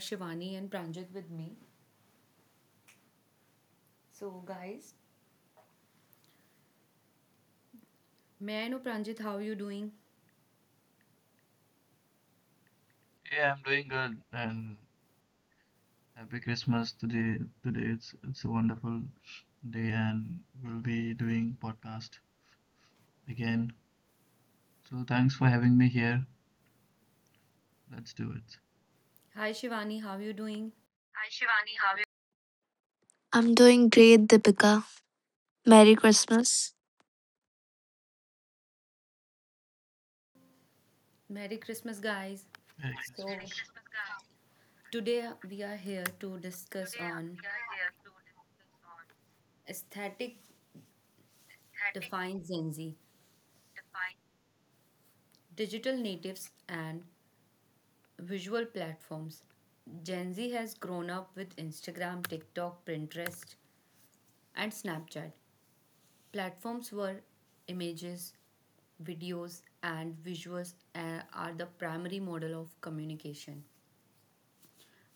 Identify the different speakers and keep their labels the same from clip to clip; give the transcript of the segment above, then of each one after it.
Speaker 1: Shivani and Pranjit with me. So, guys, may I know, Pranjit, how are you doing?
Speaker 2: Yeah, I'm doing good and happy Christmas today. Today it's a wonderful day and we'll be doing podcast again. So thanks for having me here. Let's do it.
Speaker 1: Hi, Shivani, how are you doing?
Speaker 3: I'm doing great, Deepika. Merry Christmas.
Speaker 1: Merry Christmas, guys.
Speaker 2: Merry
Speaker 1: So,
Speaker 2: Christmas.
Speaker 1: today we are here to discuss on aesthetic defines Gen Z, digital natives, and visual platforms. Gen Z has grown up with Instagram, TikTok, Pinterest, and Snapchat. Platforms where images, videos, and visuals are the primary model of communication.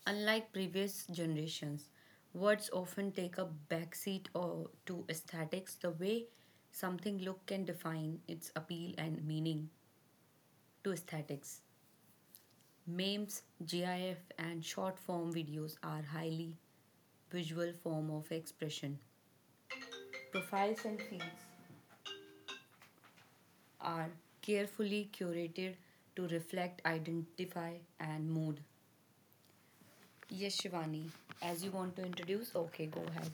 Speaker 1: Unlike previous generations, words often take a backseat or to aesthetics. The way something look can define its appeal and meaning to aesthetics. Memes, GIF, and short form videos are highly visual form of expression. Profiles and feeds are carefully curated to reflect, identify, and mood. Yes, Shivani, as you want to introduce, okay, go ahead.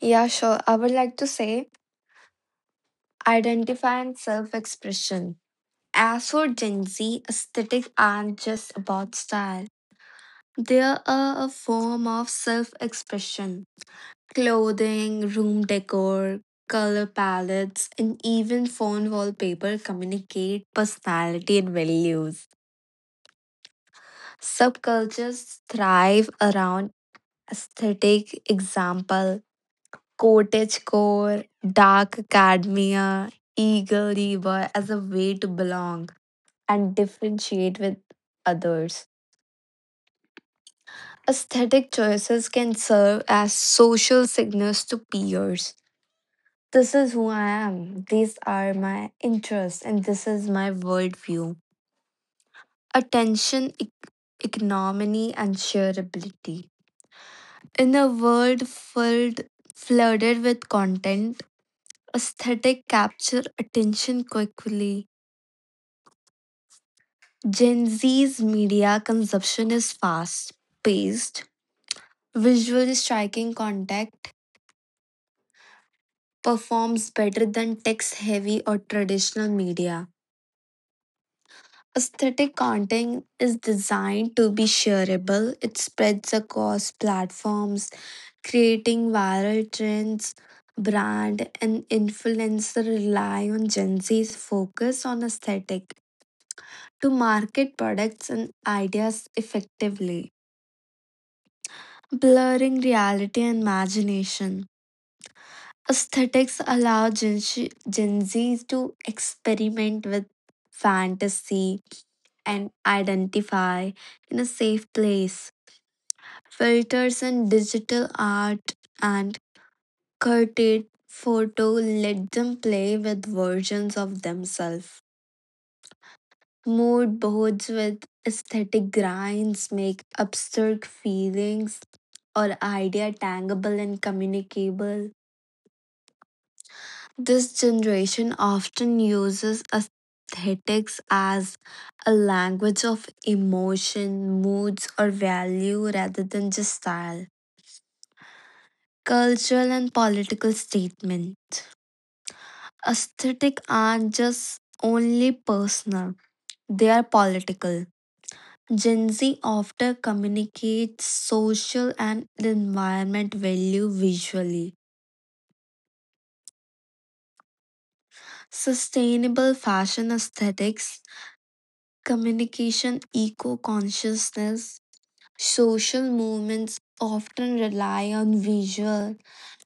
Speaker 3: Yeah, sure. I would like to say identify and self expression. As for Gen Z, aesthetic aren't just about style, they are a form of self expression. Clothing, room decor, color palettes, and even phone wallpaper communicate personality and values. Subcultures thrive around aesthetic example cottagecore, dark academia, eagle labor as a way to belong and differentiate with others. Aesthetic choices can serve as social signals to peers. This is who I am, these are my interests, and this is my worldview. Attention, economy, and shareability. In a world filled, flooded with content, aesthetic capture attention quickly. Gen Z's media consumption is fast paced, visually striking content performs better than text heavy or traditional media. Aesthetic content is designed to be shareable, it spreads across platforms, creating viral trends. Brand and influencer rely on Gen Z's focus on aesthetic to market products and ideas effectively. Blurring reality and imagination. Aesthetics allow Gen Z to experiment with fantasy and identify in a safe place. Filters and digital art and curated photo let them play with versions of themselves. Mood boards with aesthetic grinds make abstract feelings or idea tangible and communicable. This generation often uses aesthetics as a language of emotion, moods, or value rather than just style, cultural, and political statement. Aesthetic aren't just only personal, they are political. Gen Z often communicates social and environment value visually. Sustainable fashion aesthetics communication, eco consciousness. Social movements often rely on visual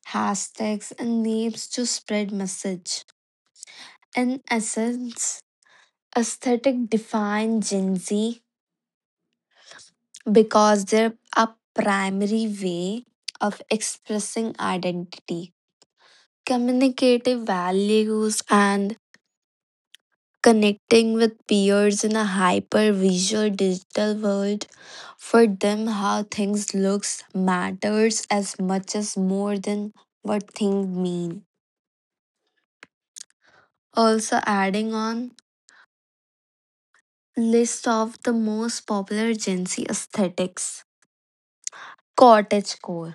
Speaker 3: hashtags and names to spread message. In essence, aesthetic define Gen Z because they're a primary way of expressing identity, communicative values, and connecting with peers in a hyper visual digital world. For them, how things looks matters as much as more than what things mean. Also adding on list of the most popular Gen Z aesthetics. Cottagecore.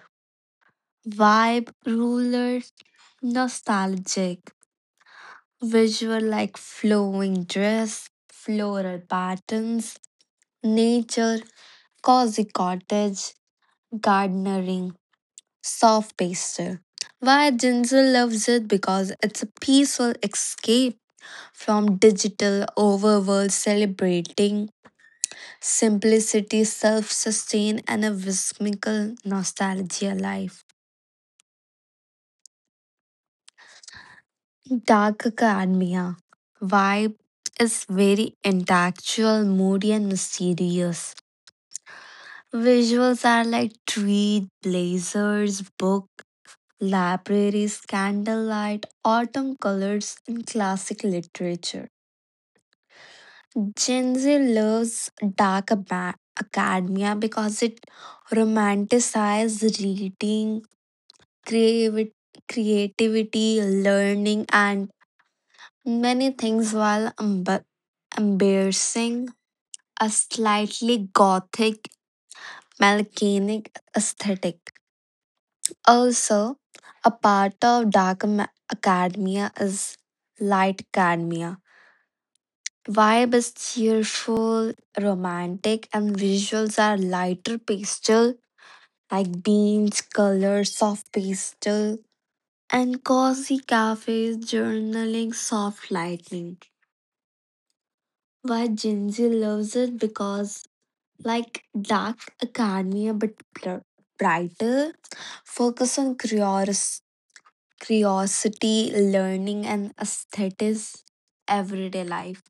Speaker 3: Vibe ruler nostalgic visual like flowing dress floral patterns nature cozy cottage gardening, soft pasture. Why Jinzel loves it because it's a peaceful escape from digital overworld celebrating simplicity, self-sustain and a whimsical nostalgia life. Dark Academia vibe is very intellectual, moody and mysterious. Visuals are like trees, blazers, book. Libraries, candlelight, autumn colors, and classic literature. Gen Z loves dark aba- academia because it romanticizes reading, creavi- creativity, learning, and many things while embracing a slightly gothic, melancholic aesthetic. Also, a part of dark academia is light academia. Vibe is cheerful, romantic, and visuals are lighter pastel like beans, colors, soft pastel, and cozy cafes, journaling, soft lightning. Why Gen Z loves it because like dark academia but brighter, focus on curiosity, learning, and aesthetics, everyday life.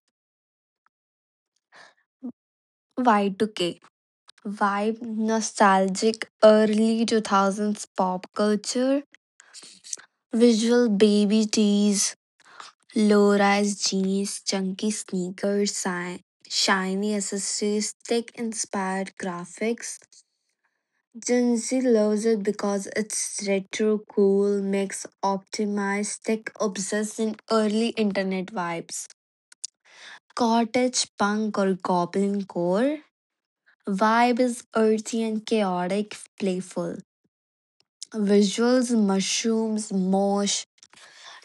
Speaker 3: Y2K vibe, nostalgic, early 2000s pop culture, visual baby tees, low rise jeans, chunky sneakers, shiny accessories, tech inspired graphics. Gen Z loves it because it's retro, cool, mix, optimized, tech obsessed, and early internet vibes. Cottage punk or goblin core. Vibe is earthy and chaotic, playful. Visuals mushrooms, mosh,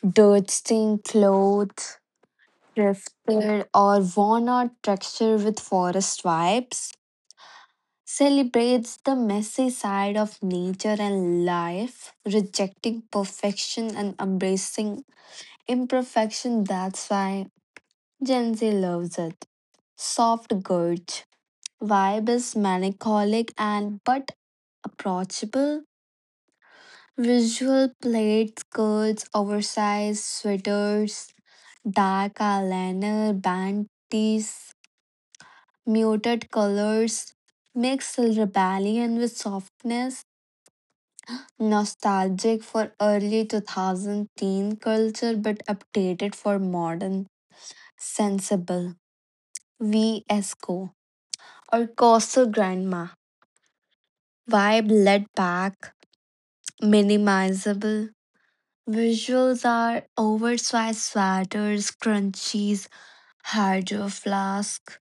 Speaker 3: dirt stained clothes, thrifted or worn out texture with forest vibes. Celebrates the messy side of nature and life, rejecting perfection and embracing imperfection. That's why Gen Z loves it. Soft gorge. Vibe is melancholic and but approachable. Visual plaid skirts, oversized sweaters, dark eyeliner, bandies, muted colors, mix rebellion with softness, nostalgic for early 2000 teen culture but updated for modern, sensible. VSCO or Coastal Grandma. Vibe laid back, minimizable, visuals are oversized sweaters, crunchies, hydro flask,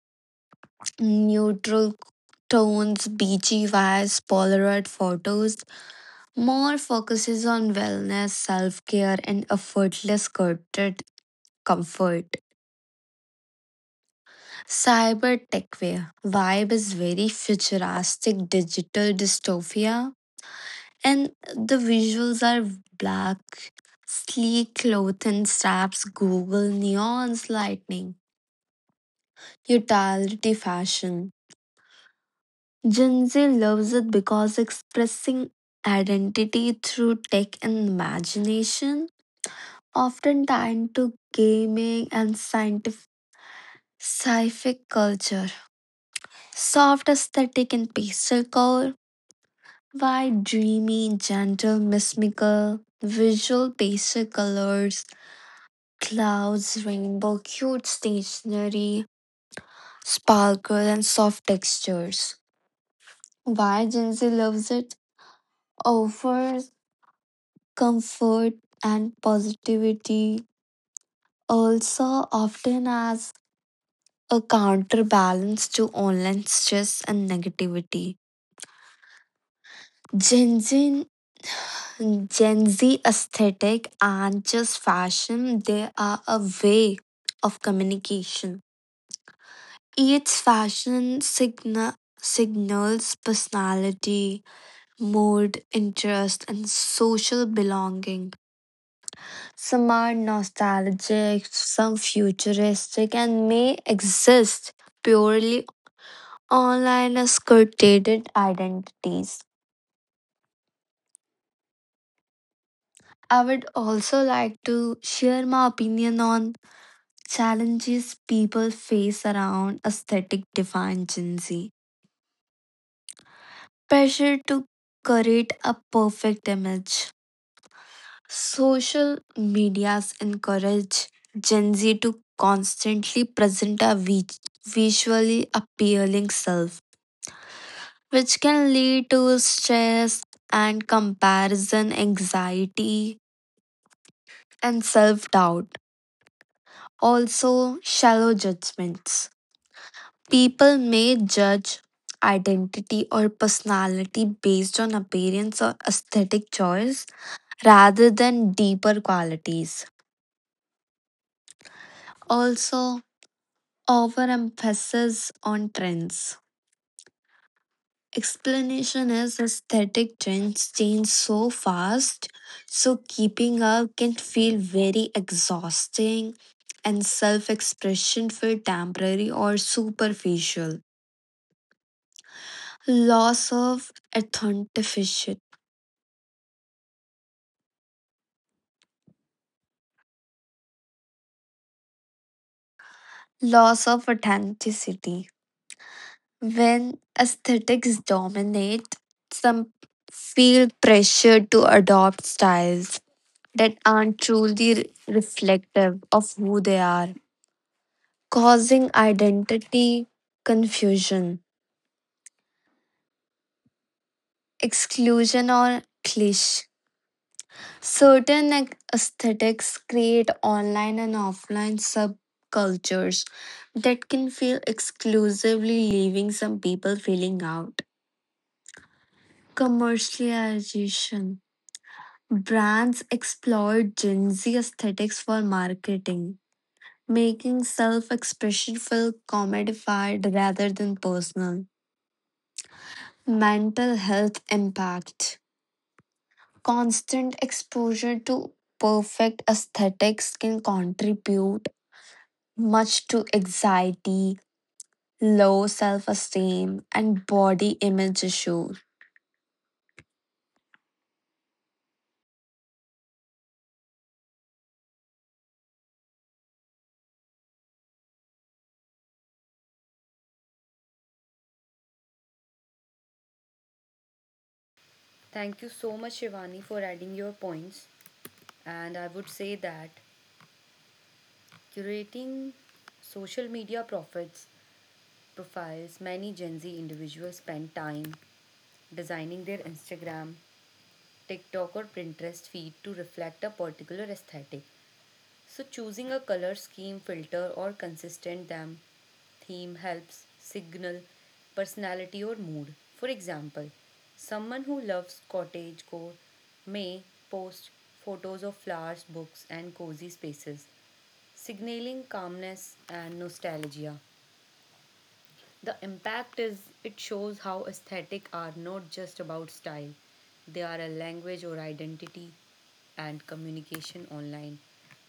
Speaker 3: neutral tones, beachy vibes, Polaroid photos. More focuses on wellness, self care, and effortless courted comfort. Cyber techwear vibe is very futuristic, digital dystopia, and the visuals are black, sleek cloth and straps, Google neons, lightning, utility fashion. Gen Z loves it because expressing identity through tech and imagination, often tied to gaming and scientific culture. Soft aesthetic and pastel color, wide, dreamy, gentle, mystical, visual pastel colors, clouds, rainbow, cute stationery, sparkle, and soft textures. Why Gen Z loves it? Offers comfort and positivity, also often as a counterbalance to online stress and negativity. Gen Z, Gen Z aesthetic and just fashion, they are a way of communication. Each fashion signals personality, mood, interest, and social belonging. Some are nostalgic, some futuristic, and may exist purely online as curated identities. I would also like to share my opinion on challenges people face around aesthetic defined Gen Z. Pressure to create a perfect image. Social medias encourage Gen Z to constantly present a visually appealing self which can lead to stress and comparison, anxiety, and self doubt. Also, shallow judgments. People may judge identity or personality based on appearance or aesthetic choice rather than deeper qualities. Also, overemphasis on trends. Explanation is aesthetic trends change so fast, so keeping up can feel very exhausting, and self expression feel temporary or superficial. Loss of authenticity. Loss of authenticity. When aesthetics dominate, some feel pressured to adopt styles that aren't truly reflective of who they are, causing identity confusion, exclusion, or cliché. Certain aesthetics create online and offline subcultures that can feel exclusively, leaving some people feeling out. Commercialization brands exploit Gen Z aesthetics for marketing, making self expression feel commodified rather than personal. Mental health impact constant exposure to perfect aesthetics can contribute much to anxiety, low self esteem, and body image issues.
Speaker 1: Thank you so much, Shivani, for adding your points. And I would say that curating social media profits profiles many Gen Z individuals spend time designing their Instagram, TikTok, or Pinterest feed to reflect a particular aesthetic. So choosing a color scheme, filter or consistent theme helps signal personality or mood. For example, someone who loves cottagecore may post photos of flowers, books and cozy spaces, signaling calmness and nostalgia. The impact is it shows how aesthetic are not just about style. They are a language or identity and communication online.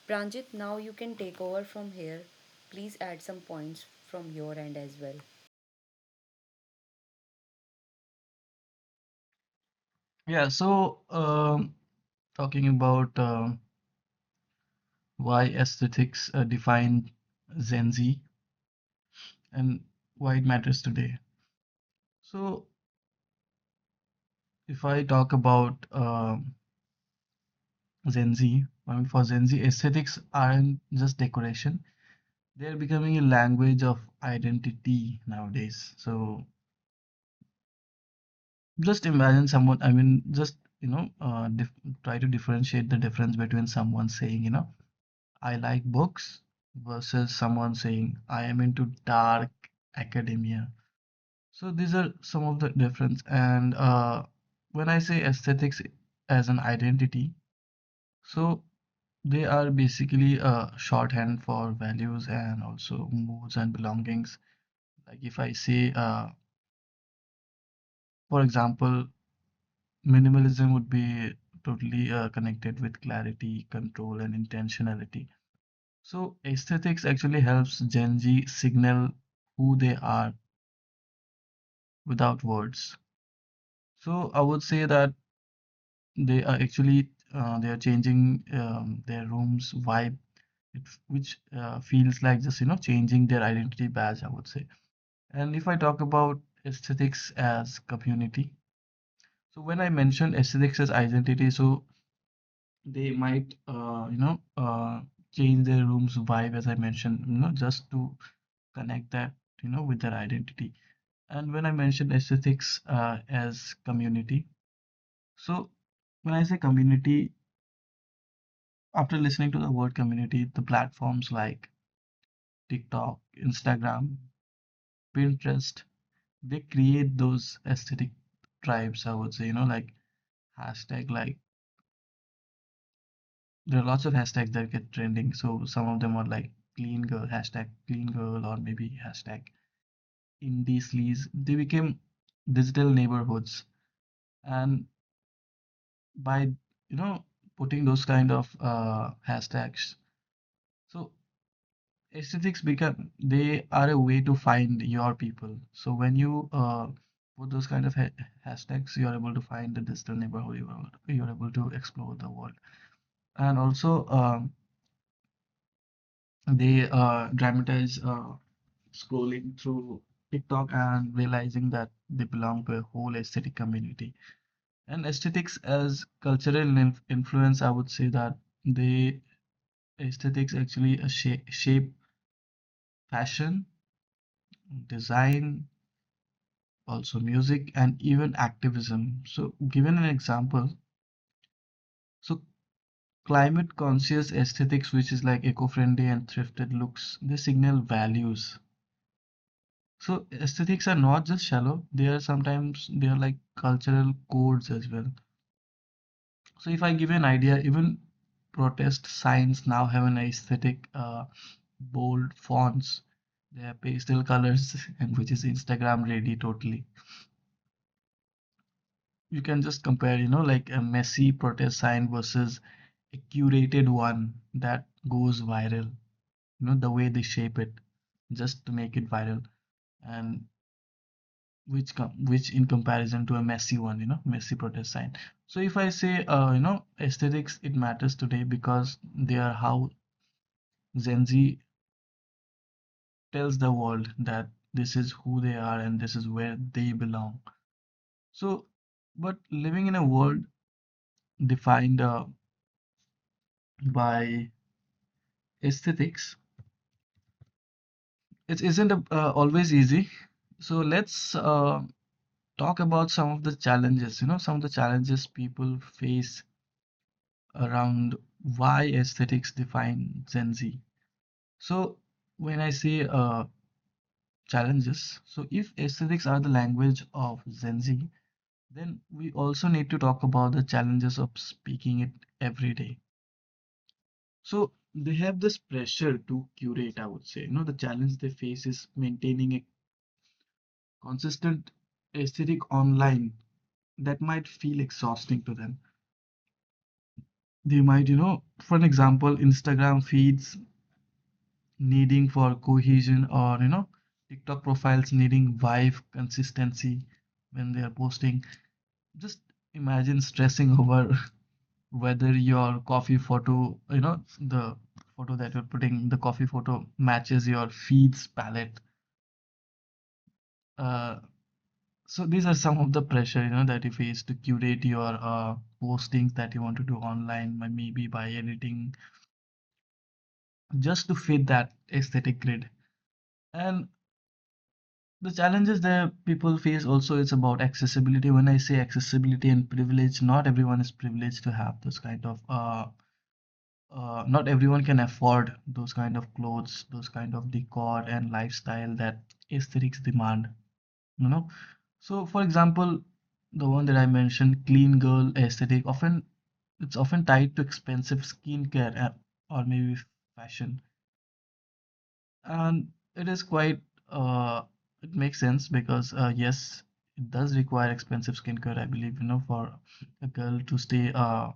Speaker 1: Pranjit, now you can take over from here. Please add some points from your end as well.
Speaker 2: Yeah, so talking about why aesthetics define Gen Z and why it matters today. So if I talk about Gen Z, I mean, for Gen Z, aesthetics aren't just decoration. They're becoming a language of identity nowadays. So just imagine someone, I mean, just, you know, dif try to differentiate the difference between someone saying, I like books, versus someone saying, I am into dark academia. So these are some of the difference. And when I say aesthetics as an identity, so they are basically a shorthand for values and also moods and belongings. Like if I say for example, minimalism would be totally connected with clarity, control, and intentionality. So, aesthetics actually helps Gen Z signal who they are without words. So, I would say that they are actually they are changing their room's vibe, it, which feels like, just you know changing their identity badge, I would say. And if I talk about aesthetics as community, so when I mention aesthetics as identity, so they might change their room's vibe, as I mentioned, just to connect that with their identity. And when I mentioned aesthetics as community, so when I say community, after listening to the word community, the platforms like TikTok, Instagram, Pinterest, they create those aesthetic tribes, I would say, like hashtag, like, there are lots of hashtags that get trending. So some of them are like clean girl, hashtag clean girl, or maybe hashtag indie sleaze. They became digital neighborhoods. And by, you know, putting those kind of hashtags, so aesthetics become, they are a way to find your people. So when you put those kind of ha hashtags, you're able to find the digital neighborhood, you're able to explore the world. And also, they dramatize scrolling through TikTok and realizing that they belong to a whole aesthetic community. And aesthetics as cultural in- influence, I would say that they aesthetics actually shape fashion, design, also music, and even activism. So, given an example, so climate conscious aesthetics, which is like eco-friendly and thrifted looks, they signal values. So aesthetics are not just shallow, they are sometimes, they are like cultural codes as well. So if I give you an idea, even protest signs now have an aesthetic, bold fonts, they have pastel colors, and which is Instagram ready totally. You can just compare, like a messy protest sign versus a curated one that goes viral. The way they shape it just to make it viral, and which which in comparison to a messy one, messy protest sign. So if I say, aesthetics, it matters today because they are how Gen Z tells the world that this is who they are and this is where they belong. So, but living in a world defined by aesthetics, it isn't always easy. So let's talk about some of the challenges, some of the challenges people face around why aesthetics define Gen Z. So when I say challenges, so if aesthetics are the language of Gen Z, then we also need to talk about the challenges of speaking it every day. So they have this pressure to curate, I would say. The challenge they face is maintaining a consistent aesthetic online that might feel exhausting to them. They might, for an example, Instagram feeds needing for cohesion, or, TikTok profiles needing vibe, consistency when they are posting. Just imagine stressing over whether your coffee photo, the photo that you're putting, the coffee photo matches your feeds palette. Uh, so these are some of the pressure, that you face to curate your postings that you want to do online, maybe by editing, just to fit that aesthetic grid. And the challenges that people face also is about accessibility. When I say accessibility and privilege, not everyone is privileged to have this kind of not everyone can afford those kind of clothes, those kind of decor and lifestyle that aesthetics demand, you know. So, for example, the one that I mentioned, clean girl aesthetic, often it's often tied to expensive skincare or maybe fashion, and it is quite uh, it makes sense because yes, it does require expensive skincare, I believe, for a girl to stay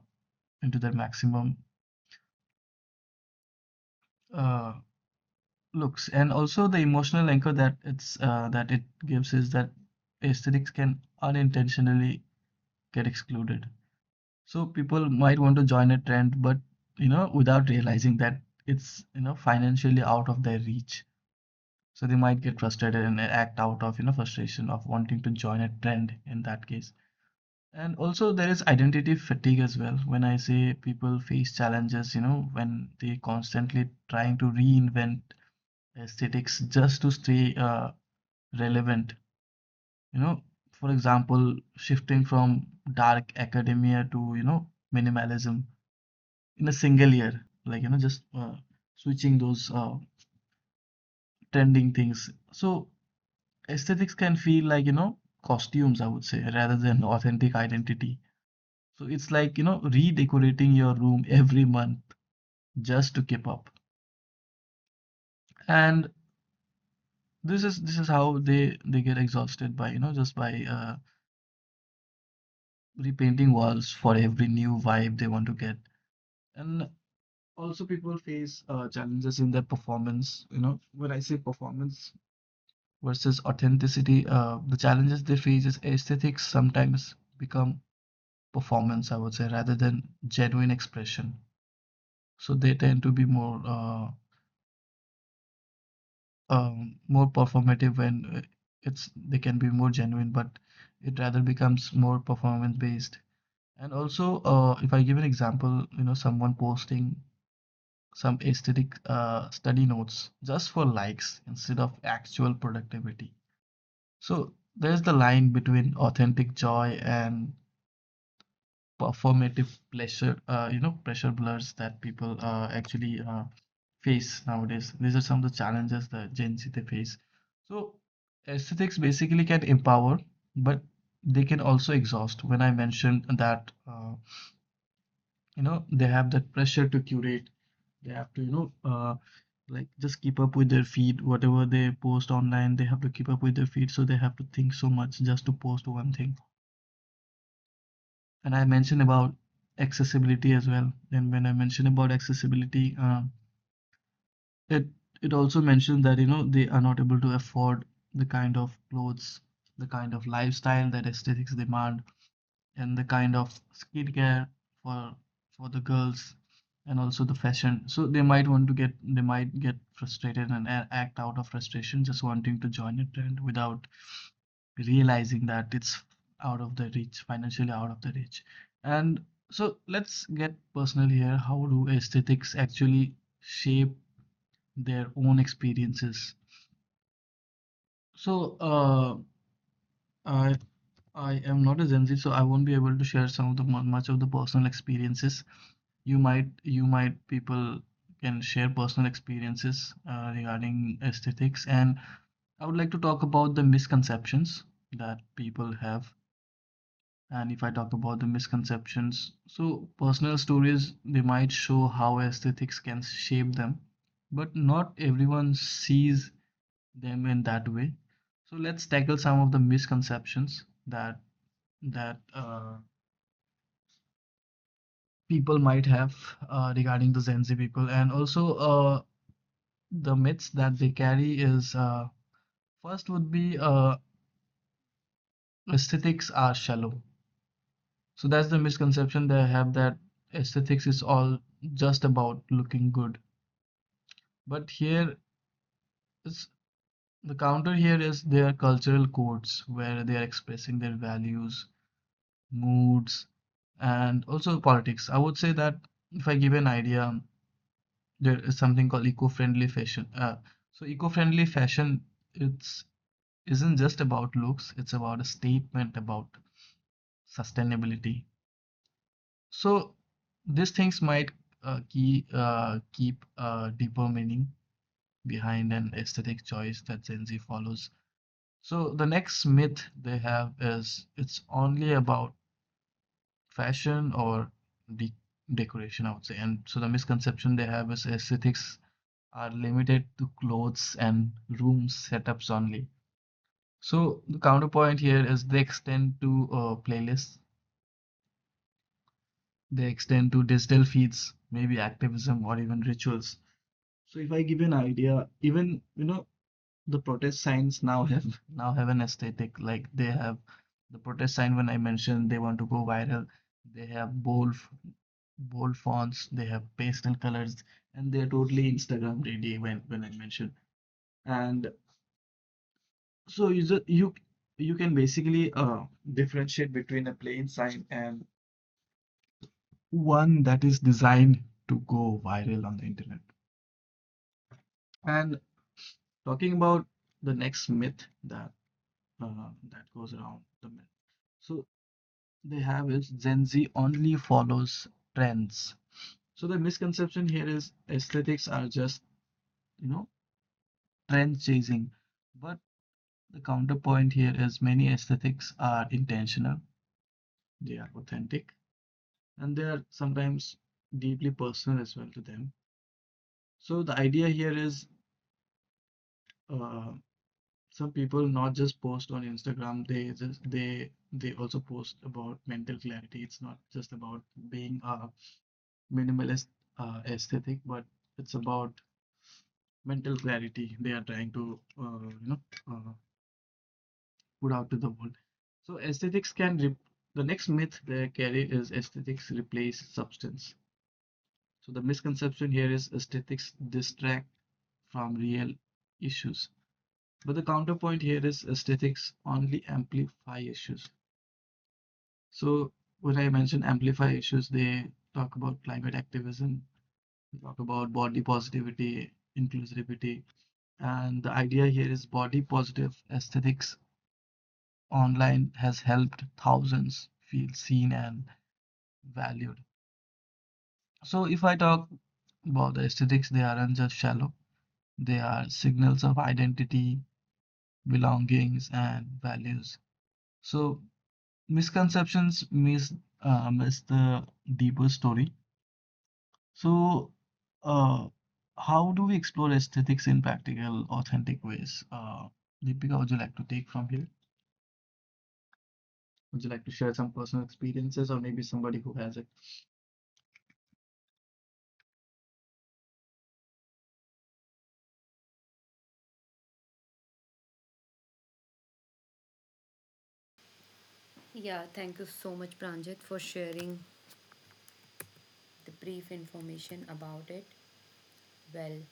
Speaker 2: into their maximum. Uh, looks, and also the emotional anchor that it's that it gives is that aesthetics can unintentionally get excluded. So people might want to join a trend, but without realizing that it's, financially out of their reach, so they might get frustrated and act out of, frustration of wanting to join a trend in that case. And also there is identity fatigue as well. When I say people face challenges, when they constantly trying to reinvent aesthetics just to stay relevant, you know for example, shifting from dark academia to, minimalism in a single year, like just switching those trending things. So aesthetics can feel like, costumes, I would say, rather than authentic identity. So it's like, redecorating your room every month just to keep up. And this is how they get exhausted by, just by repainting walls for every new vibe they want to get. And also people face challenges in their performance. When I say performance versus authenticity, the challenges they face is aesthetics sometimes become performance, I would say, rather than genuine expression. So they tend to be more more performative. When it's they can be more genuine, but it rather becomes more performance based. And also if I give an example, someone posting some aesthetic study notes just for likes instead of actual productivity. So there's the line between authentic joy and performative pressure blurs that people actually face nowadays. These are some of the challenges that Gen Z, they face. So aesthetics basically can empower, but they can also exhaust. When I mentioned that, they have that pressure to curate, they have to, like just keep up with their feed. Whatever they post online, they have to keep up with their feed, so they have to think so much just to post one thing. And I mentioned about accessibility as well, and when I mentioned about accessibility, it also mentioned that they are not able to afford the kind of clothes, the kind of lifestyle that aesthetics demand, and the kind of skincare for for the girls, and also the fashion. So they might want to get, they might get frustrated and act out of frustration, just wanting to join a trend without realizing that it's out of their reach, financially out of their reach. And so let's get personal here. How do aesthetics actually shape their own experiences? So I I am not a Gen Z, so I won't be able to share some of the much of the personal experiences. People can share personal experiences regarding aesthetics, and I would like to talk about the misconceptions that people have. And if I talk about the misconceptions, so personal stories, they might show how aesthetics can shape them, but not everyone sees them in that way. So let's tackle some of the misconceptions that that uh, people might have regarding the Gen Z people, and also the myths that they carry. Is First would be aesthetics are shallow. So that's the misconception they have, that aesthetics is all just about looking good. But here is the counter, here is their cultural codes, where they are expressing their values, moods, and also politics. I would say that if I give an idea, there is something called eco-friendly fashion. So eco-friendly fashion, it's isn't just about looks, it's about a statement about sustainability. So these things might keep a deeper meaning behind an aesthetic choice that Gen Z follows. So the next myth they have is, it's only about fashion or de- decoration, I would say. And so the misconception they have is aesthetics are limited to clothes and room setups only. So the counterpoint here is they extend to playlists, they extend to digital feeds, maybe activism or even rituals. So if I give an idea, even the protest signs now have an aesthetic, like they have the protest sign when I mentioned, they want to go viral, they have bold fonts, they have pastel colors, and they're totally Instagram ready, when I mentioned. And so you ju- you can basically differentiate between a plain sign and one that is designed to go viral on the internet. And talking about the next myth that goes around the myth. So they have is Gen Z only follows trends. So the misconception here is aesthetics are just, you know, trend chasing. But the counterpoint here is, many aesthetics are intentional, they are authentic, and they are sometimes deeply personal as well to them. So the idea here is uh, some people not just post on Instagram, they just they also post about mental clarity. It's not just about being a minimalist aesthetic, but it's about mental clarity they are trying to uh, put out to the world. So the next myth they carry is aesthetics replace substance. So the misconception here is aesthetics distract from real issues. But the counterpoint here is aesthetics only amplify issues. So when I mention amplify issues, they talk about climate activism, talk about body positivity, inclusivity, and the idea here is body positive aesthetics online has helped thousands feel seen and valued. So if I talk about the aesthetics, they aren't just shallow. They are signals of identity, belongings, and values. So misconceptions miss the deeper story. So uh, how do we explore aesthetics in practical, authentic ways? Deepika, would you like to take from here? Would you like to share some personal experiences, or maybe somebody who has it?
Speaker 1: Yeah, thank you so much, Pranjit, for sharing the brief information about it. Well,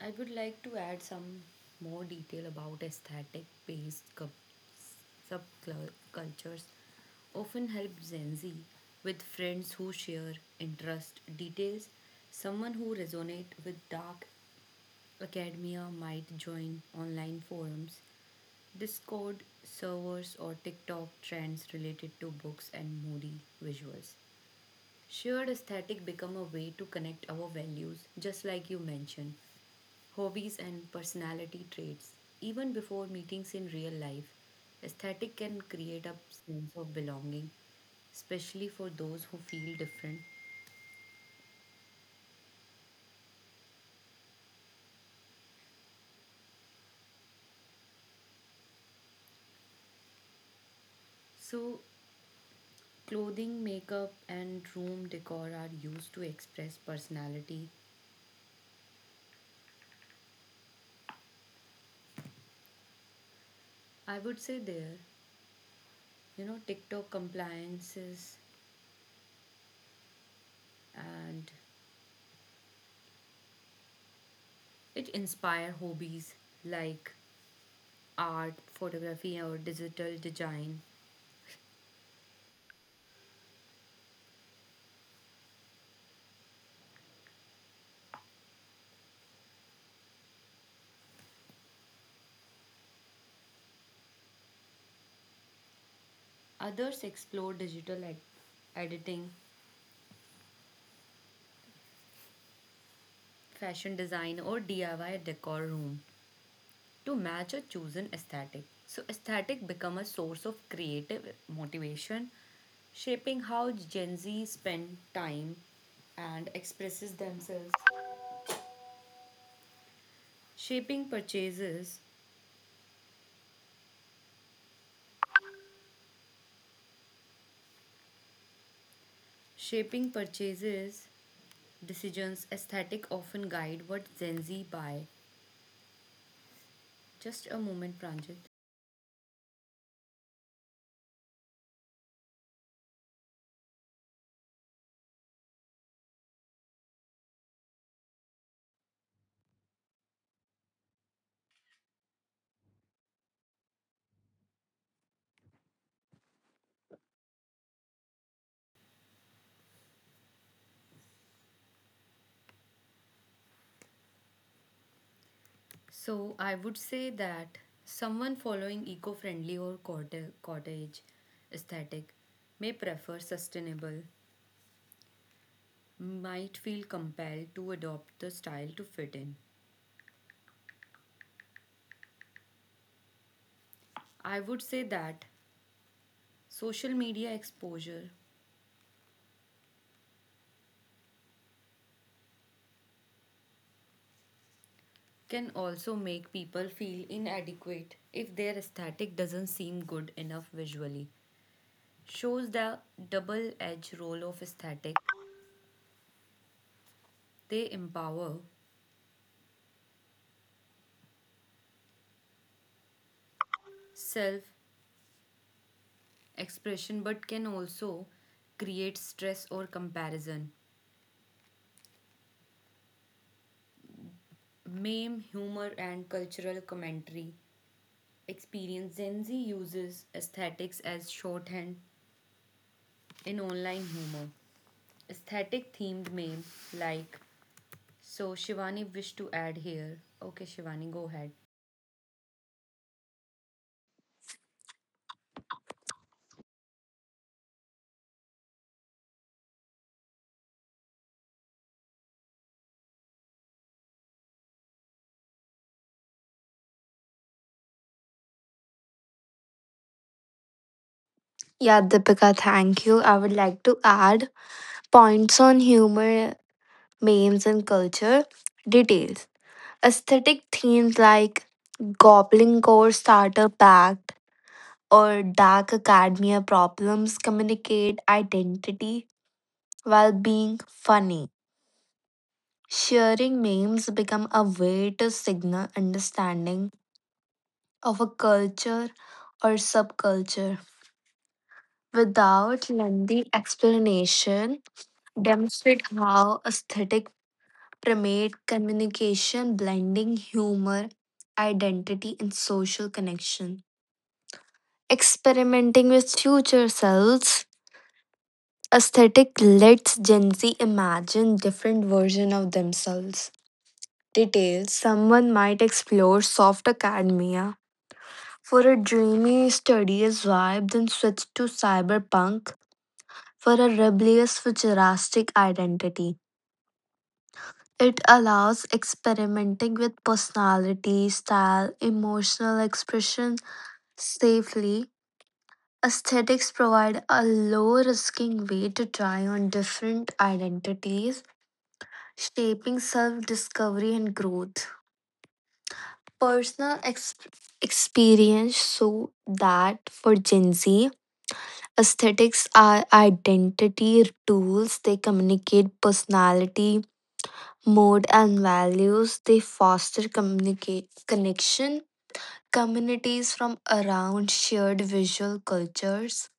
Speaker 1: I would like to add some more detail about aesthetic based subcultures often help Gen Z with friends who share interest details. Someone who resonate with dark academia might join online forums, Discord servers or TikTok trends related to books and moody visuals. Shared aesthetic become a way to connect our values, just like you mentioned, hobbies and personality traits. Even before meetings in real life, aesthetic can create a sense of belonging, especially for those who feel different. So, clothing, makeup, and room decor are used to express personality. I would say there, TikTok compliances and it inspire hobbies like art, photography, or digital design. Others explore digital editing, fashion design, or DIY decor room to match a chosen aesthetic. So, aesthetic become a source of creative motivation, shaping how Gen Z spend time and expresses themselves. Shaping purchases, shaping purchases decisions. Aesthetic often guide what Gen Z buy. Just a moment, Pranjit. So I would say that someone following eco-friendly or cottage aesthetic may prefer sustainable, might feel compelled to adopt the style to fit in. I would say that social media exposure can also make people feel inadequate if their aesthetic doesn't seem good enough visually. Shows the double edged role of aesthetic. They empower self expression but can also create stress or comparison. Meme, humor, and cultural commentary. Experience Gen Z uses aesthetics as shorthand in online humor. Aesthetic themed meme like so Shivani wished to add here. Okay Shivani go ahead.
Speaker 3: Yeah, Deepika, thank you. I would like to add points on humor, memes, and culture. Details aesthetic themes like Goblin Core Starter Pact or Dark Academia problems communicate identity while being funny. Sharing memes become a way to signal understanding of a culture or subculture without lengthy explanation, demonstrate how aesthetic permeate communication, blending humor, identity, and social connection. Experimenting with future selves, aesthetic lets Gen Z imagine different versions of themselves. Details someone might explore soft academia for a dreamy, studious vibe, then switch to cyberpunk for a rebellious, futuristic identity. It allows experimenting with personality, style, emotional expression safely. Aesthetics provide a low risking way to try on different identities, shaping self discovery and growth. Personal experience so that for Gen Z, aesthetics are identity tools. They communicate personality, mode, and values. They foster communicate connection. Communities from around shared visual cultures.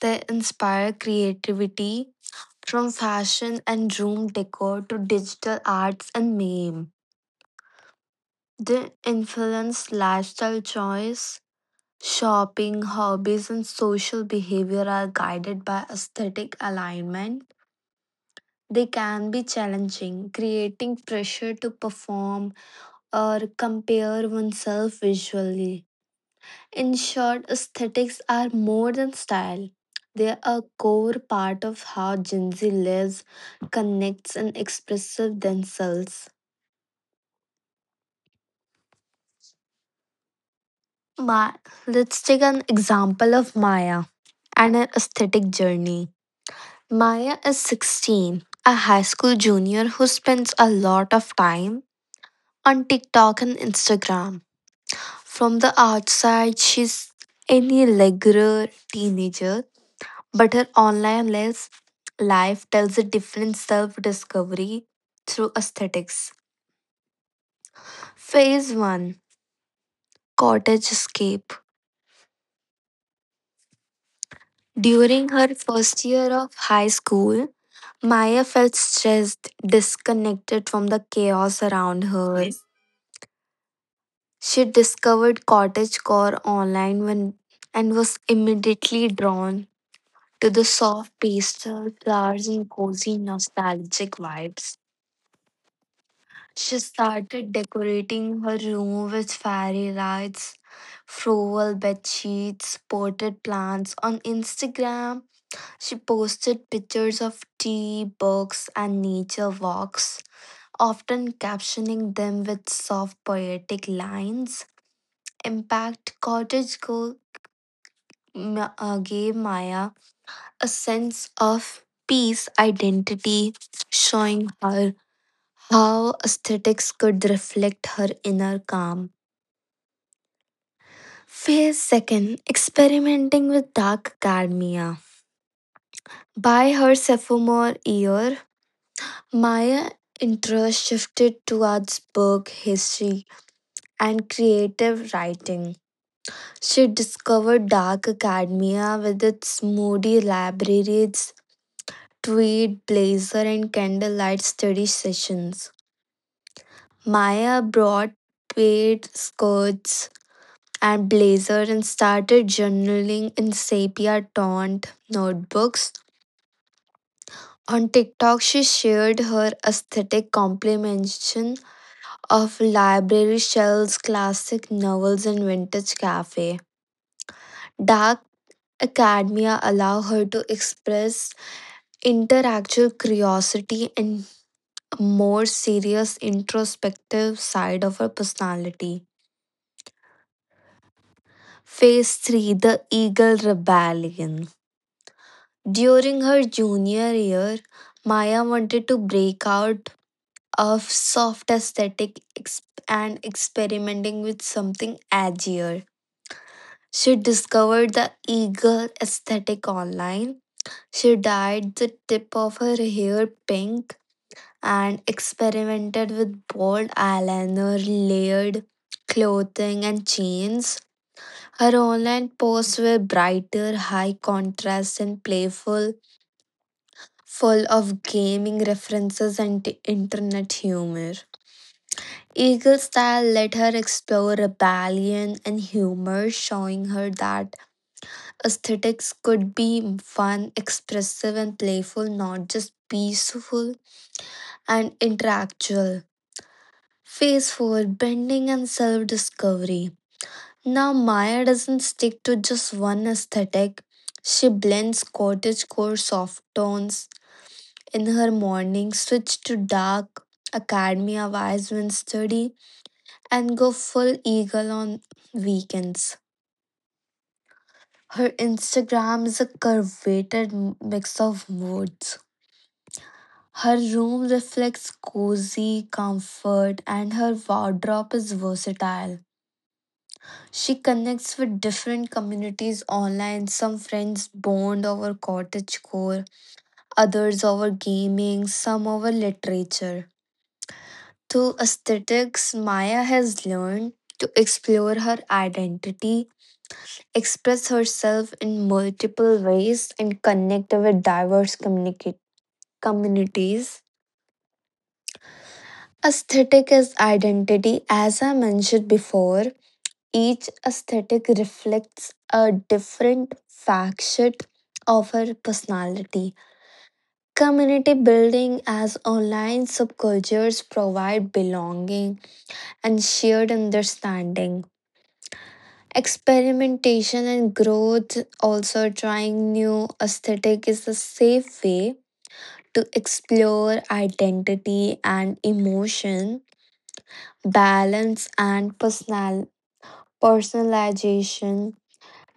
Speaker 3: They inspire creativity from fashion and room decor to digital arts and meme. They influence lifestyle choice. Shopping, hobbies, and social behavior are guided by aesthetic alignment. They can be challenging, creating pressure to perform or compare oneself visually. In short, aesthetics are more than style. They are a core part of how Gen Z lives, connects, and expresses themselves. Ma- Let's take an example of Maya and her aesthetic journey. Maya is 16, a high school junior who spends a lot of time on TikTok and Instagram. From the outside, she's any regular teenager, but her online life tells a different self discovery through aesthetics. Phase 1 Cottage Escape. During her first year of high school, Maya felt stressed, disconnected from the chaos around her. Yes. She discovered cottagecore online when, and was immediately drawn to the soft pastel flowers and cozy nostalgic vibes. She started decorating her room with fairy lights, floral bed sheets, potted plants. On Instagram, she posted pictures of tea, books, and nature walks, often captioning them with soft poetic lines. Impact Cottage Girl gave Maya a sense of peace identity, showing her how aesthetics could reflect her inner calm. Phase second, experimenting with dark academia. By her sophomore year, Maya interest shifted towards book history and creative writing. She discovered dark academia with its moody libraries, tweed blazer, and candlelight study sessions. Maya brought plaid skirts and blazer and started journaling in sepia toned notebooks. On TikTok, she shared her aesthetic compilation of library shelves, classic novels, and vintage cafe. Dark academia allow her to express intellectual curiosity and a more serious introspective side of her personality. Phase 3 The Eagle Rebellion. During her junior year, Maya wanted to break out of soft aesthetic and experimenting with something edgier. She discovered the eagle aesthetic online. She dyed the tip of her hair pink and experimented with bold eyeliner, layered clothing, and chains. Her online posts were brighter, high contrast, and playful, full of gaming references and internet humor. Eagle style let her explore rebellion and humor, showing her that aesthetics could be fun, expressive, and playful, not just peaceful and intellectual. Phase 4 Bending and Self Discovery. Now, Maya doesn't stick to just one aesthetic. She blends cottagecore soft tones in her morning, switch to dark academia vibes when study, and go full eagle on weekends. Her Instagram is a curvated mix of moods. Her room reflects cozy comfort, and her wardrobe is versatile. She connects with different communities online. Some friends bond over cottagecore, others over gaming, some over literature. Through aesthetics, Maya has learned to explore her identity, express herself in multiple ways, and connect with diverse communities. Aesthetic is identity, as I mentioned before. Each aesthetic reflects a different facet of her personality. Community building as online subcultures provide belonging and shared understanding. Experimentation and growth, also trying new aesthetic, is a safe way to explore identity and emotion, balance, and personal personalization.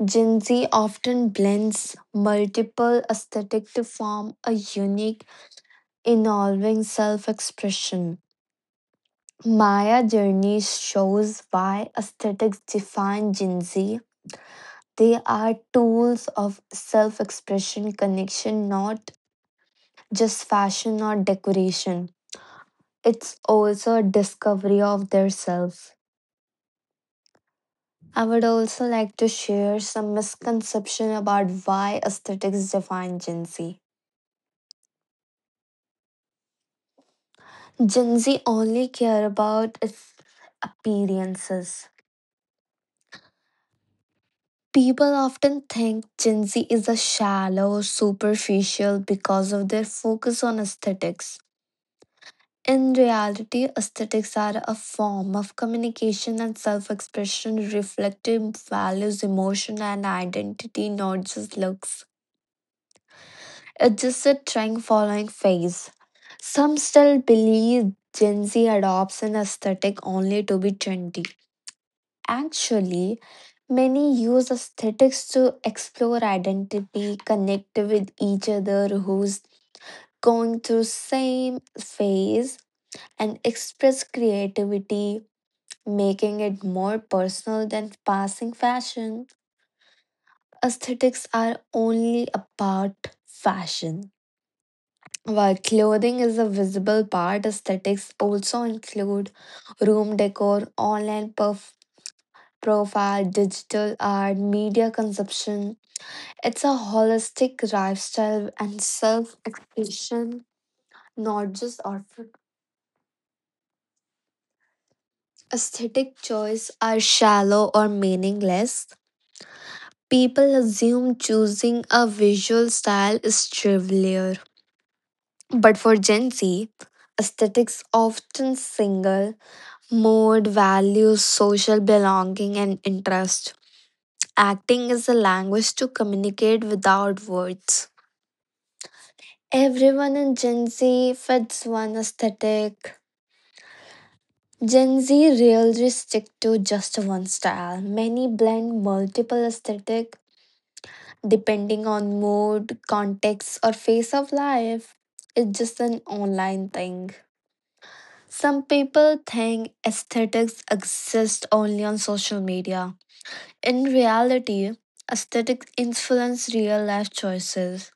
Speaker 3: Gen Z often blends multiple aesthetics to form a unique, involving self expression. Maya Journey shows why aesthetics define Gen Z. They are tools of self expression connection, not just fashion or decoration. It's also a discovery of their self. I would also like to share some misconception about why aesthetics define Gen Z. Gen Z only care about its appearances. People often think Gen Z is a shallow, superficial because of their focus on aesthetics. In reality, aesthetics are a form of communication and self expression reflecting values, emotion, and identity, not just looks. It's just a trend following phase. Some still believe Gen Z adopts an aesthetic only to be trendy. Actually, many use aesthetics to explore identity, connect with each other who's going through same phase and express creativity, making it more personal than passing fashion. Aesthetics are only about fashion. While clothing is a visible part, aesthetics also include room decor, online profile, digital art, media consumption. It's a holistic lifestyle and self expression, not just outfit. Aesthetic choice are shallow or meaningless. People assume choosing a visual style is trivial. But for Gen Z, aesthetics often single mode, values, social belonging, and interest. Acting is a language to communicate without words. Everyone in Gen Z fits one aesthetic Gen Z really stick to just one style. Many blend multiple aesthetic depending on mood, context, or phase of life. It's just an online thing. Some people think aesthetics exist only on social media. In reality, aesthetics influence real life choices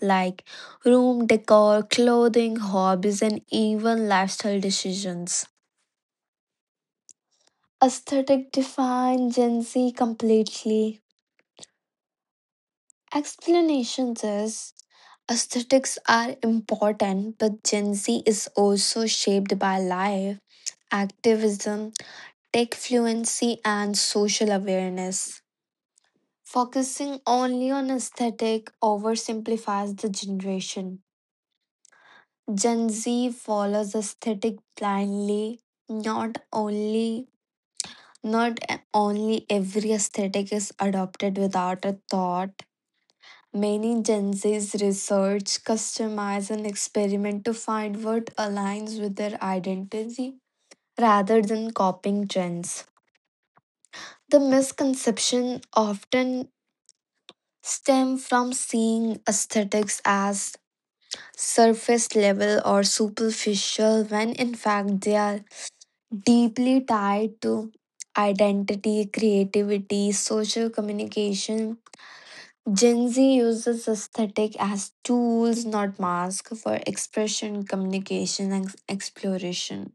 Speaker 3: like room decor, clothing, hobbies, and even lifestyle decisions. Aesthetic define Gen Z completely. Explanations is aesthetics are important, but Gen Z is also shaped by life, activism, tech fluency, and social awareness. Focusing only on aesthetic oversimplifies the generation. Gen Z follows aesthetic blindly, not only not only every aesthetic is adopted without a thought. Many Gen Z's research, customize, and experiment to find what aligns with their identity rather than copying trends. The misconception often stem from seeing aesthetics as surface level or superficial when in fact they are deeply tied to identity, creativity, social communication, Gen Z uses aesthetic as tools, not masks, for expression, communication, and exploration.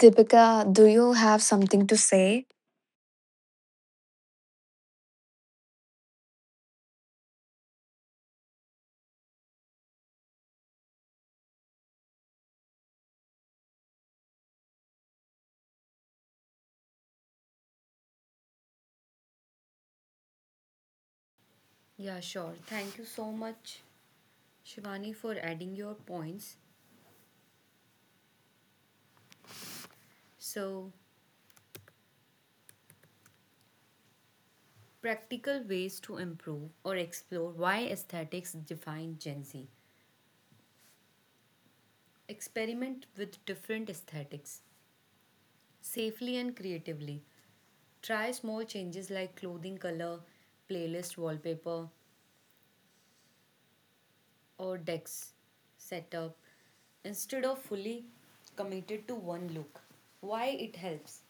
Speaker 3: Deepika, do you have something to say?
Speaker 1: Yeah sure. Thank you so much Shivani for adding your points. So practical ways to improve or explore why aesthetics define Gen Z. Experiment with different aesthetics safely and creatively. Try small changes like clothing color, playlist wallpaper, or decks setup instead of fully committed to one look. Why it helps?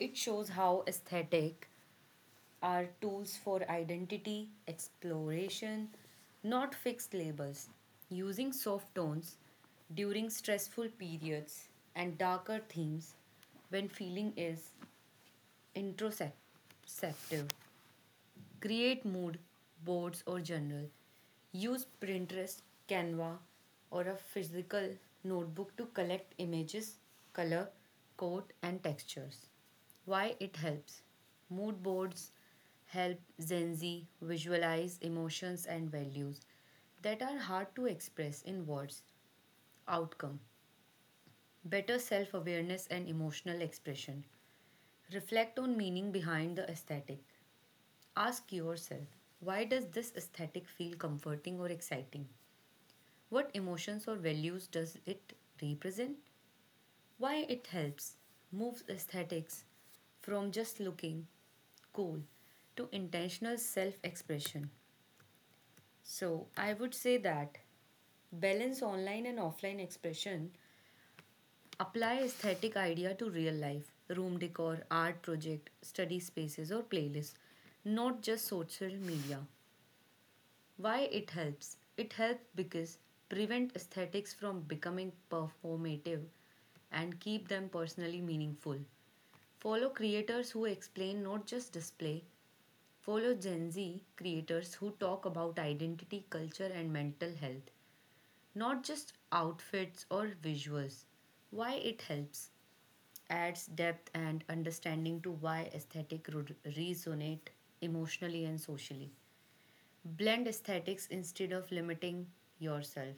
Speaker 1: It shows how aesthetic are tools for identity, exploration, not fixed labels. Using soft tones during stressful periods and darker themes when feeling is introspective. Create mood boards or journal. Use Pinterest, Canva, or a physical notebook to collect images, color, code, and textures. Why it helps? Mood boards help Gen Z visualize emotions and values that are hard to express in words. Outcome better self awareness and emotional expression. Reflect on meaning behind the aesthetic. Ask yourself why does this aesthetic feel comforting or exciting? What emotions or values does it represent? Why it helps moves aesthetics from just looking cool to intentional self expression. So, I would say that balance online and offline expression, apply aesthetic idea to real life, room decor, art project, study spaces, or playlists, not just social media. Why it helps? It helps because prevent aesthetics from becoming performative and keep them personally meaningful. Follow creators who explain not just display. Follow Gen Z creators who talk about identity, culture and mental health, not just outfits or visuals. Why it helps? Adds depth and understanding to why aesthetic resonate emotionally and socially. Blend aesthetics instead of limiting yourself.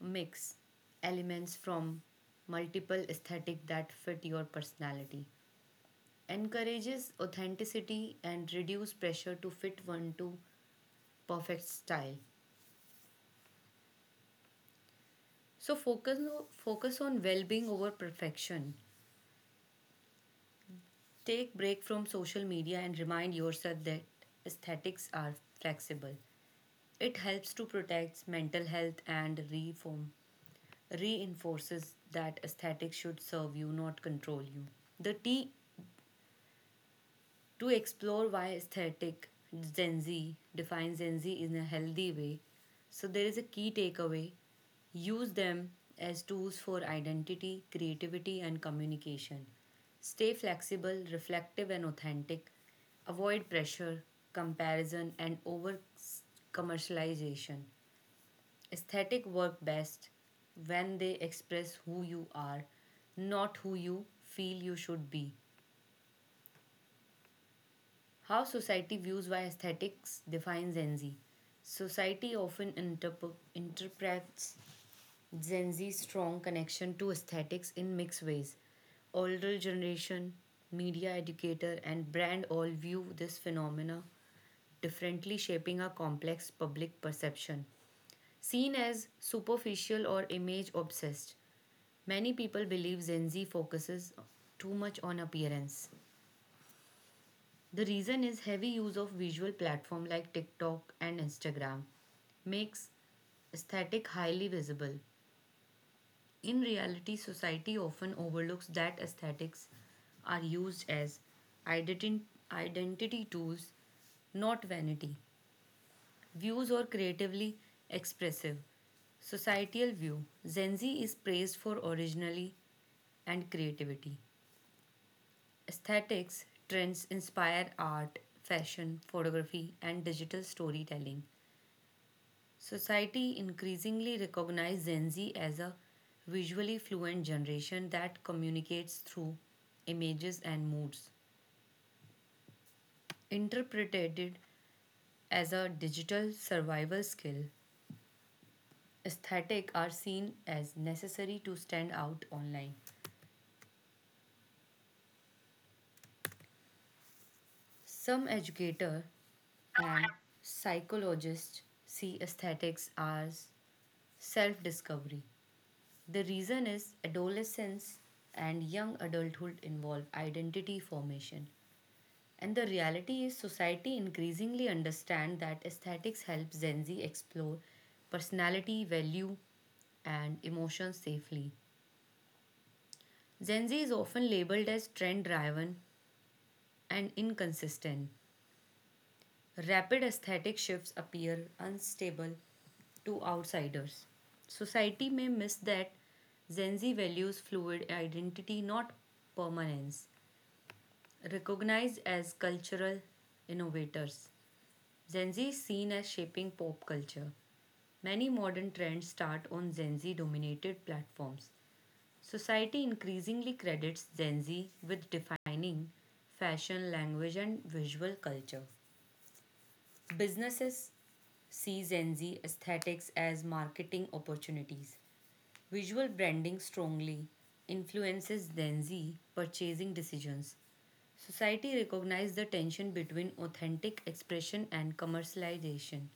Speaker 1: Mix elements from multiple aesthetic that fit your personality. Encourages authenticity and reduce pressure to fit one to perfect style. So focus no, focus on well-being over perfection. Take break from social media and remind yourself that aesthetics are flexible. It helps to protect mental health and reform reinforces that aesthetics should serve you, not control you. The T to explore why aesthetic Gen Z defines Gen Z in a healthy way. So there is a key takeaway. Use them as tools for identity, creativity, and communication. Stay flexible, reflective, and authentic. Avoid pressure, comparison, and over commercialization. Aesthetic work best when they express who you are, not who you feel you should be. How society views why aesthetics defines Gen Z. Society often interprets Gen Z's strong connection to aesthetics in mixed ways. Older generation, media educator, and brand all view this phenomena differently, shaping a complex public perception. Seen as superficial or image obsessed, many people believe Gen Z focuses too much on appearance. The reason is heavy use of visual platform like TikTok and Instagram makes aesthetic highly visible. In reality, society often overlooks that aesthetics are used as identi- identity tools, not vanity. Views or creatively expressive. Societal view. Gen Z is praised for originality and creativity. Aesthetics trends inspire art, fashion, photography, and digital storytelling. Society increasingly recognizes Gen Z as a visually fluent generation that communicates through images and moods. Interpreted as a digital survival skill, aesthetic are seen as necessary to stand out online. Some educators and psychologists see aesthetics as self discovery. The reason is adolescence and young adulthood involve identity formation. And the reality is society increasingly understand that aesthetics helps Gen Z explore personality, value and emotions safely. Gen Z is often labeled as trend driven and inconsistent. Rapid aesthetic shifts appear unstable to outsiders. Society may miss that Gen Z values fluid identity, not permanence. Recognized as cultural innovators, Gen Z is seen as shaping pop culture. Many modern trends start on Gen Z dominated platforms. Society increasingly credits Gen Z with defining fashion, language, and visual culture. Businesses see Gen Z aesthetics as marketing opportunities. Visual branding strongly influences Gen Z purchasing decisions. Society recognizes the tension between authentic expression and commercialization.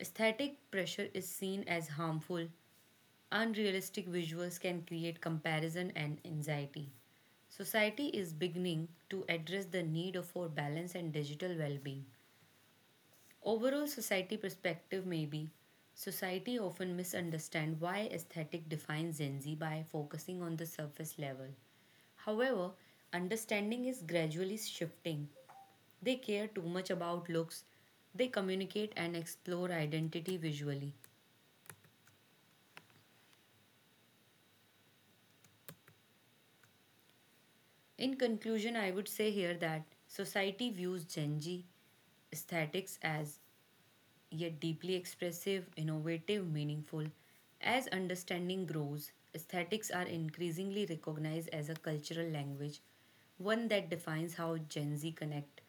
Speaker 1: Aesthetic pressure is seen as harmful. Unrealistic visuals can create comparison and anxiety. Society is beginning to address the need for balance and digital well being. Overall society perspective maybe society often misunderstand why aesthetic defines Gen Z by focusing on the surface level. However, understanding is gradually shifting. They care too much about looks. They communicate and explore identity visually. In conclusion, I would say here that society views Gen Z aesthetics as yet deeply expressive, innovative, meaningful. As understanding grows, aesthetics are increasingly recognized as a cultural language, one that defines how Gen Z connect,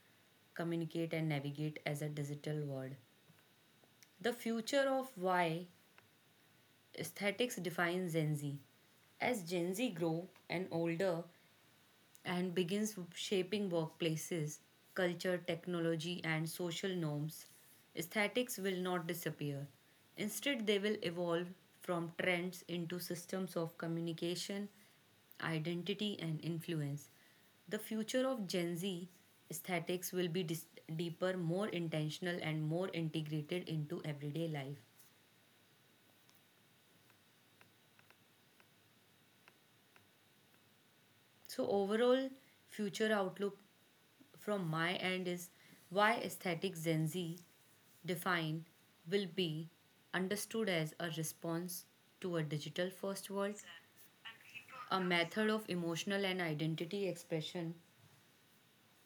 Speaker 1: communicate, and navigate as a digital world. The future of why aesthetics defines Gen Z. As Gen Z grow and older, and begins shaping workplaces, culture, technology, and social norms. Aesthetics will not disappear. Instead, they will evolve from trends into systems of communication, identity, and influence. The future of Gen Z aesthetics will be deeper, more intentional, and more integrated into everyday life. So overall, future outlook from my end is why aesthetic Gen Z define will be understood as a response to a digital first world, a method of emotional and identity expression,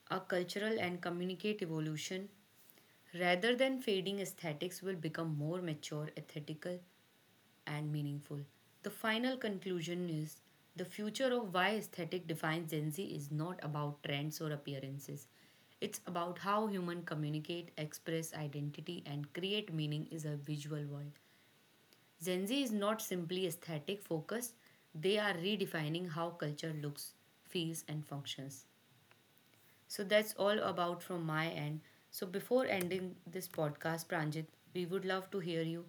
Speaker 1: a cultural and communicative evolution. Rather than fading aesthetics will become more mature, ethical, and meaningful. The final conclusion is the future of why aesthetic defines Gen Z is not about trends or appearances. It's about how humans communicate, express identity, and create meaning in a visual world. Gen Z is not simply aesthetic focused, they are redefining how culture looks, feels, and functions. So that's all about from my end. So before ending this podcast, Pranjit, we would love to hear you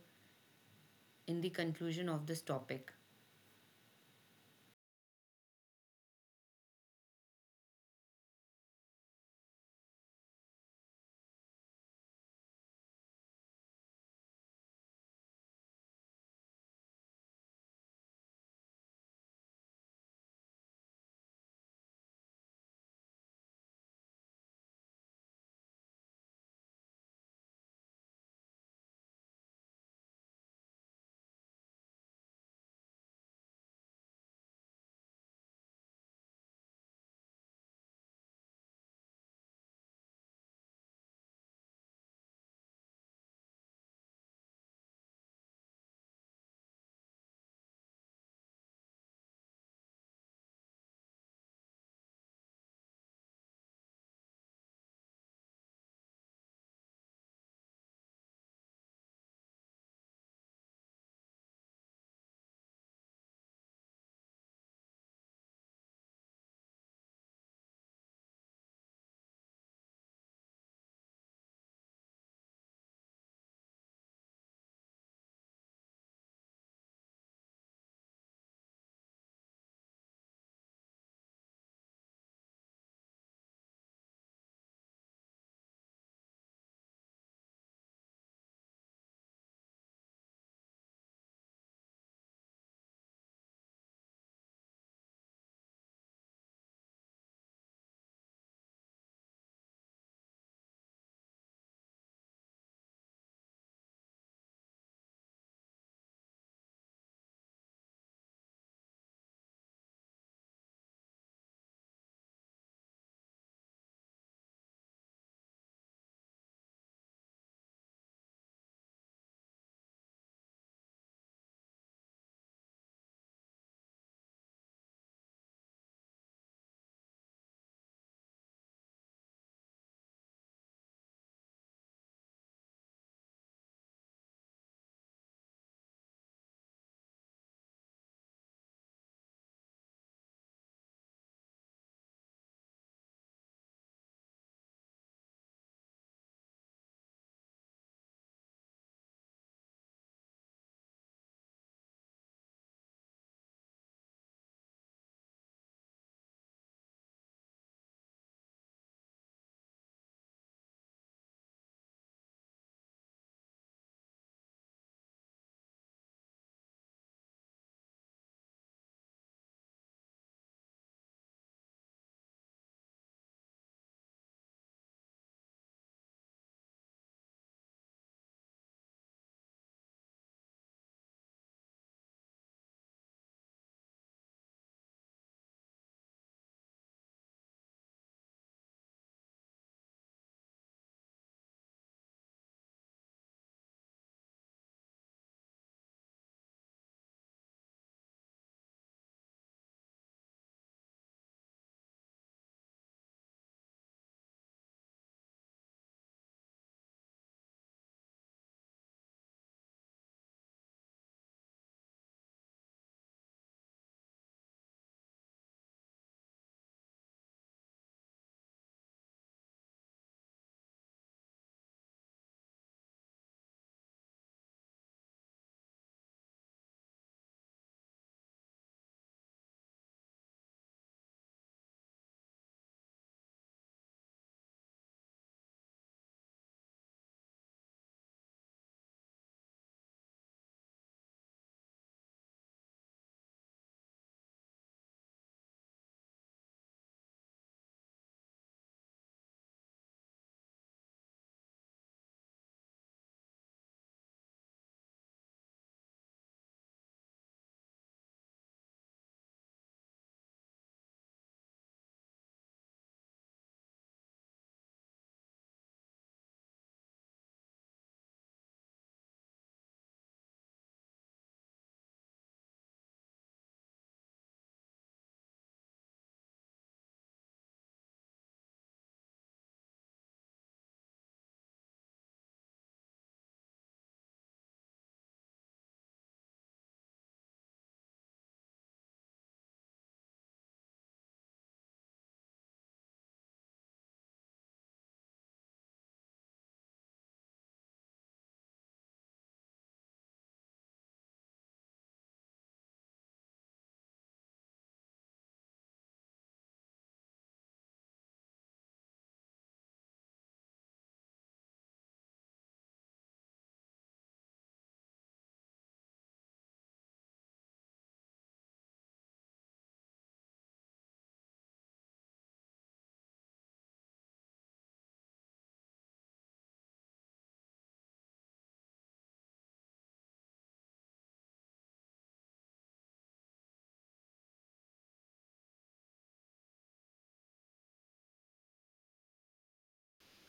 Speaker 1: in the conclusion of this topic.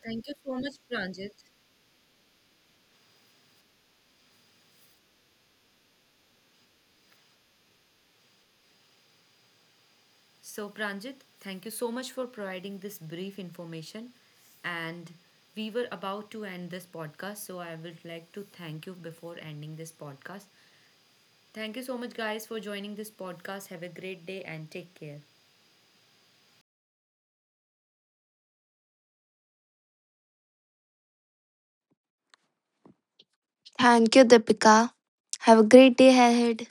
Speaker 1: Thank you so much, Pranjit. So, Pranjit, thank you so much for providing this brief information. And we were about to end this podcast, so I would like to thank you before ending this podcast. Thank you so much, guys, for joining this podcast. Have a great day and take care.
Speaker 3: Thank you, Deepika. Have a great day ahead.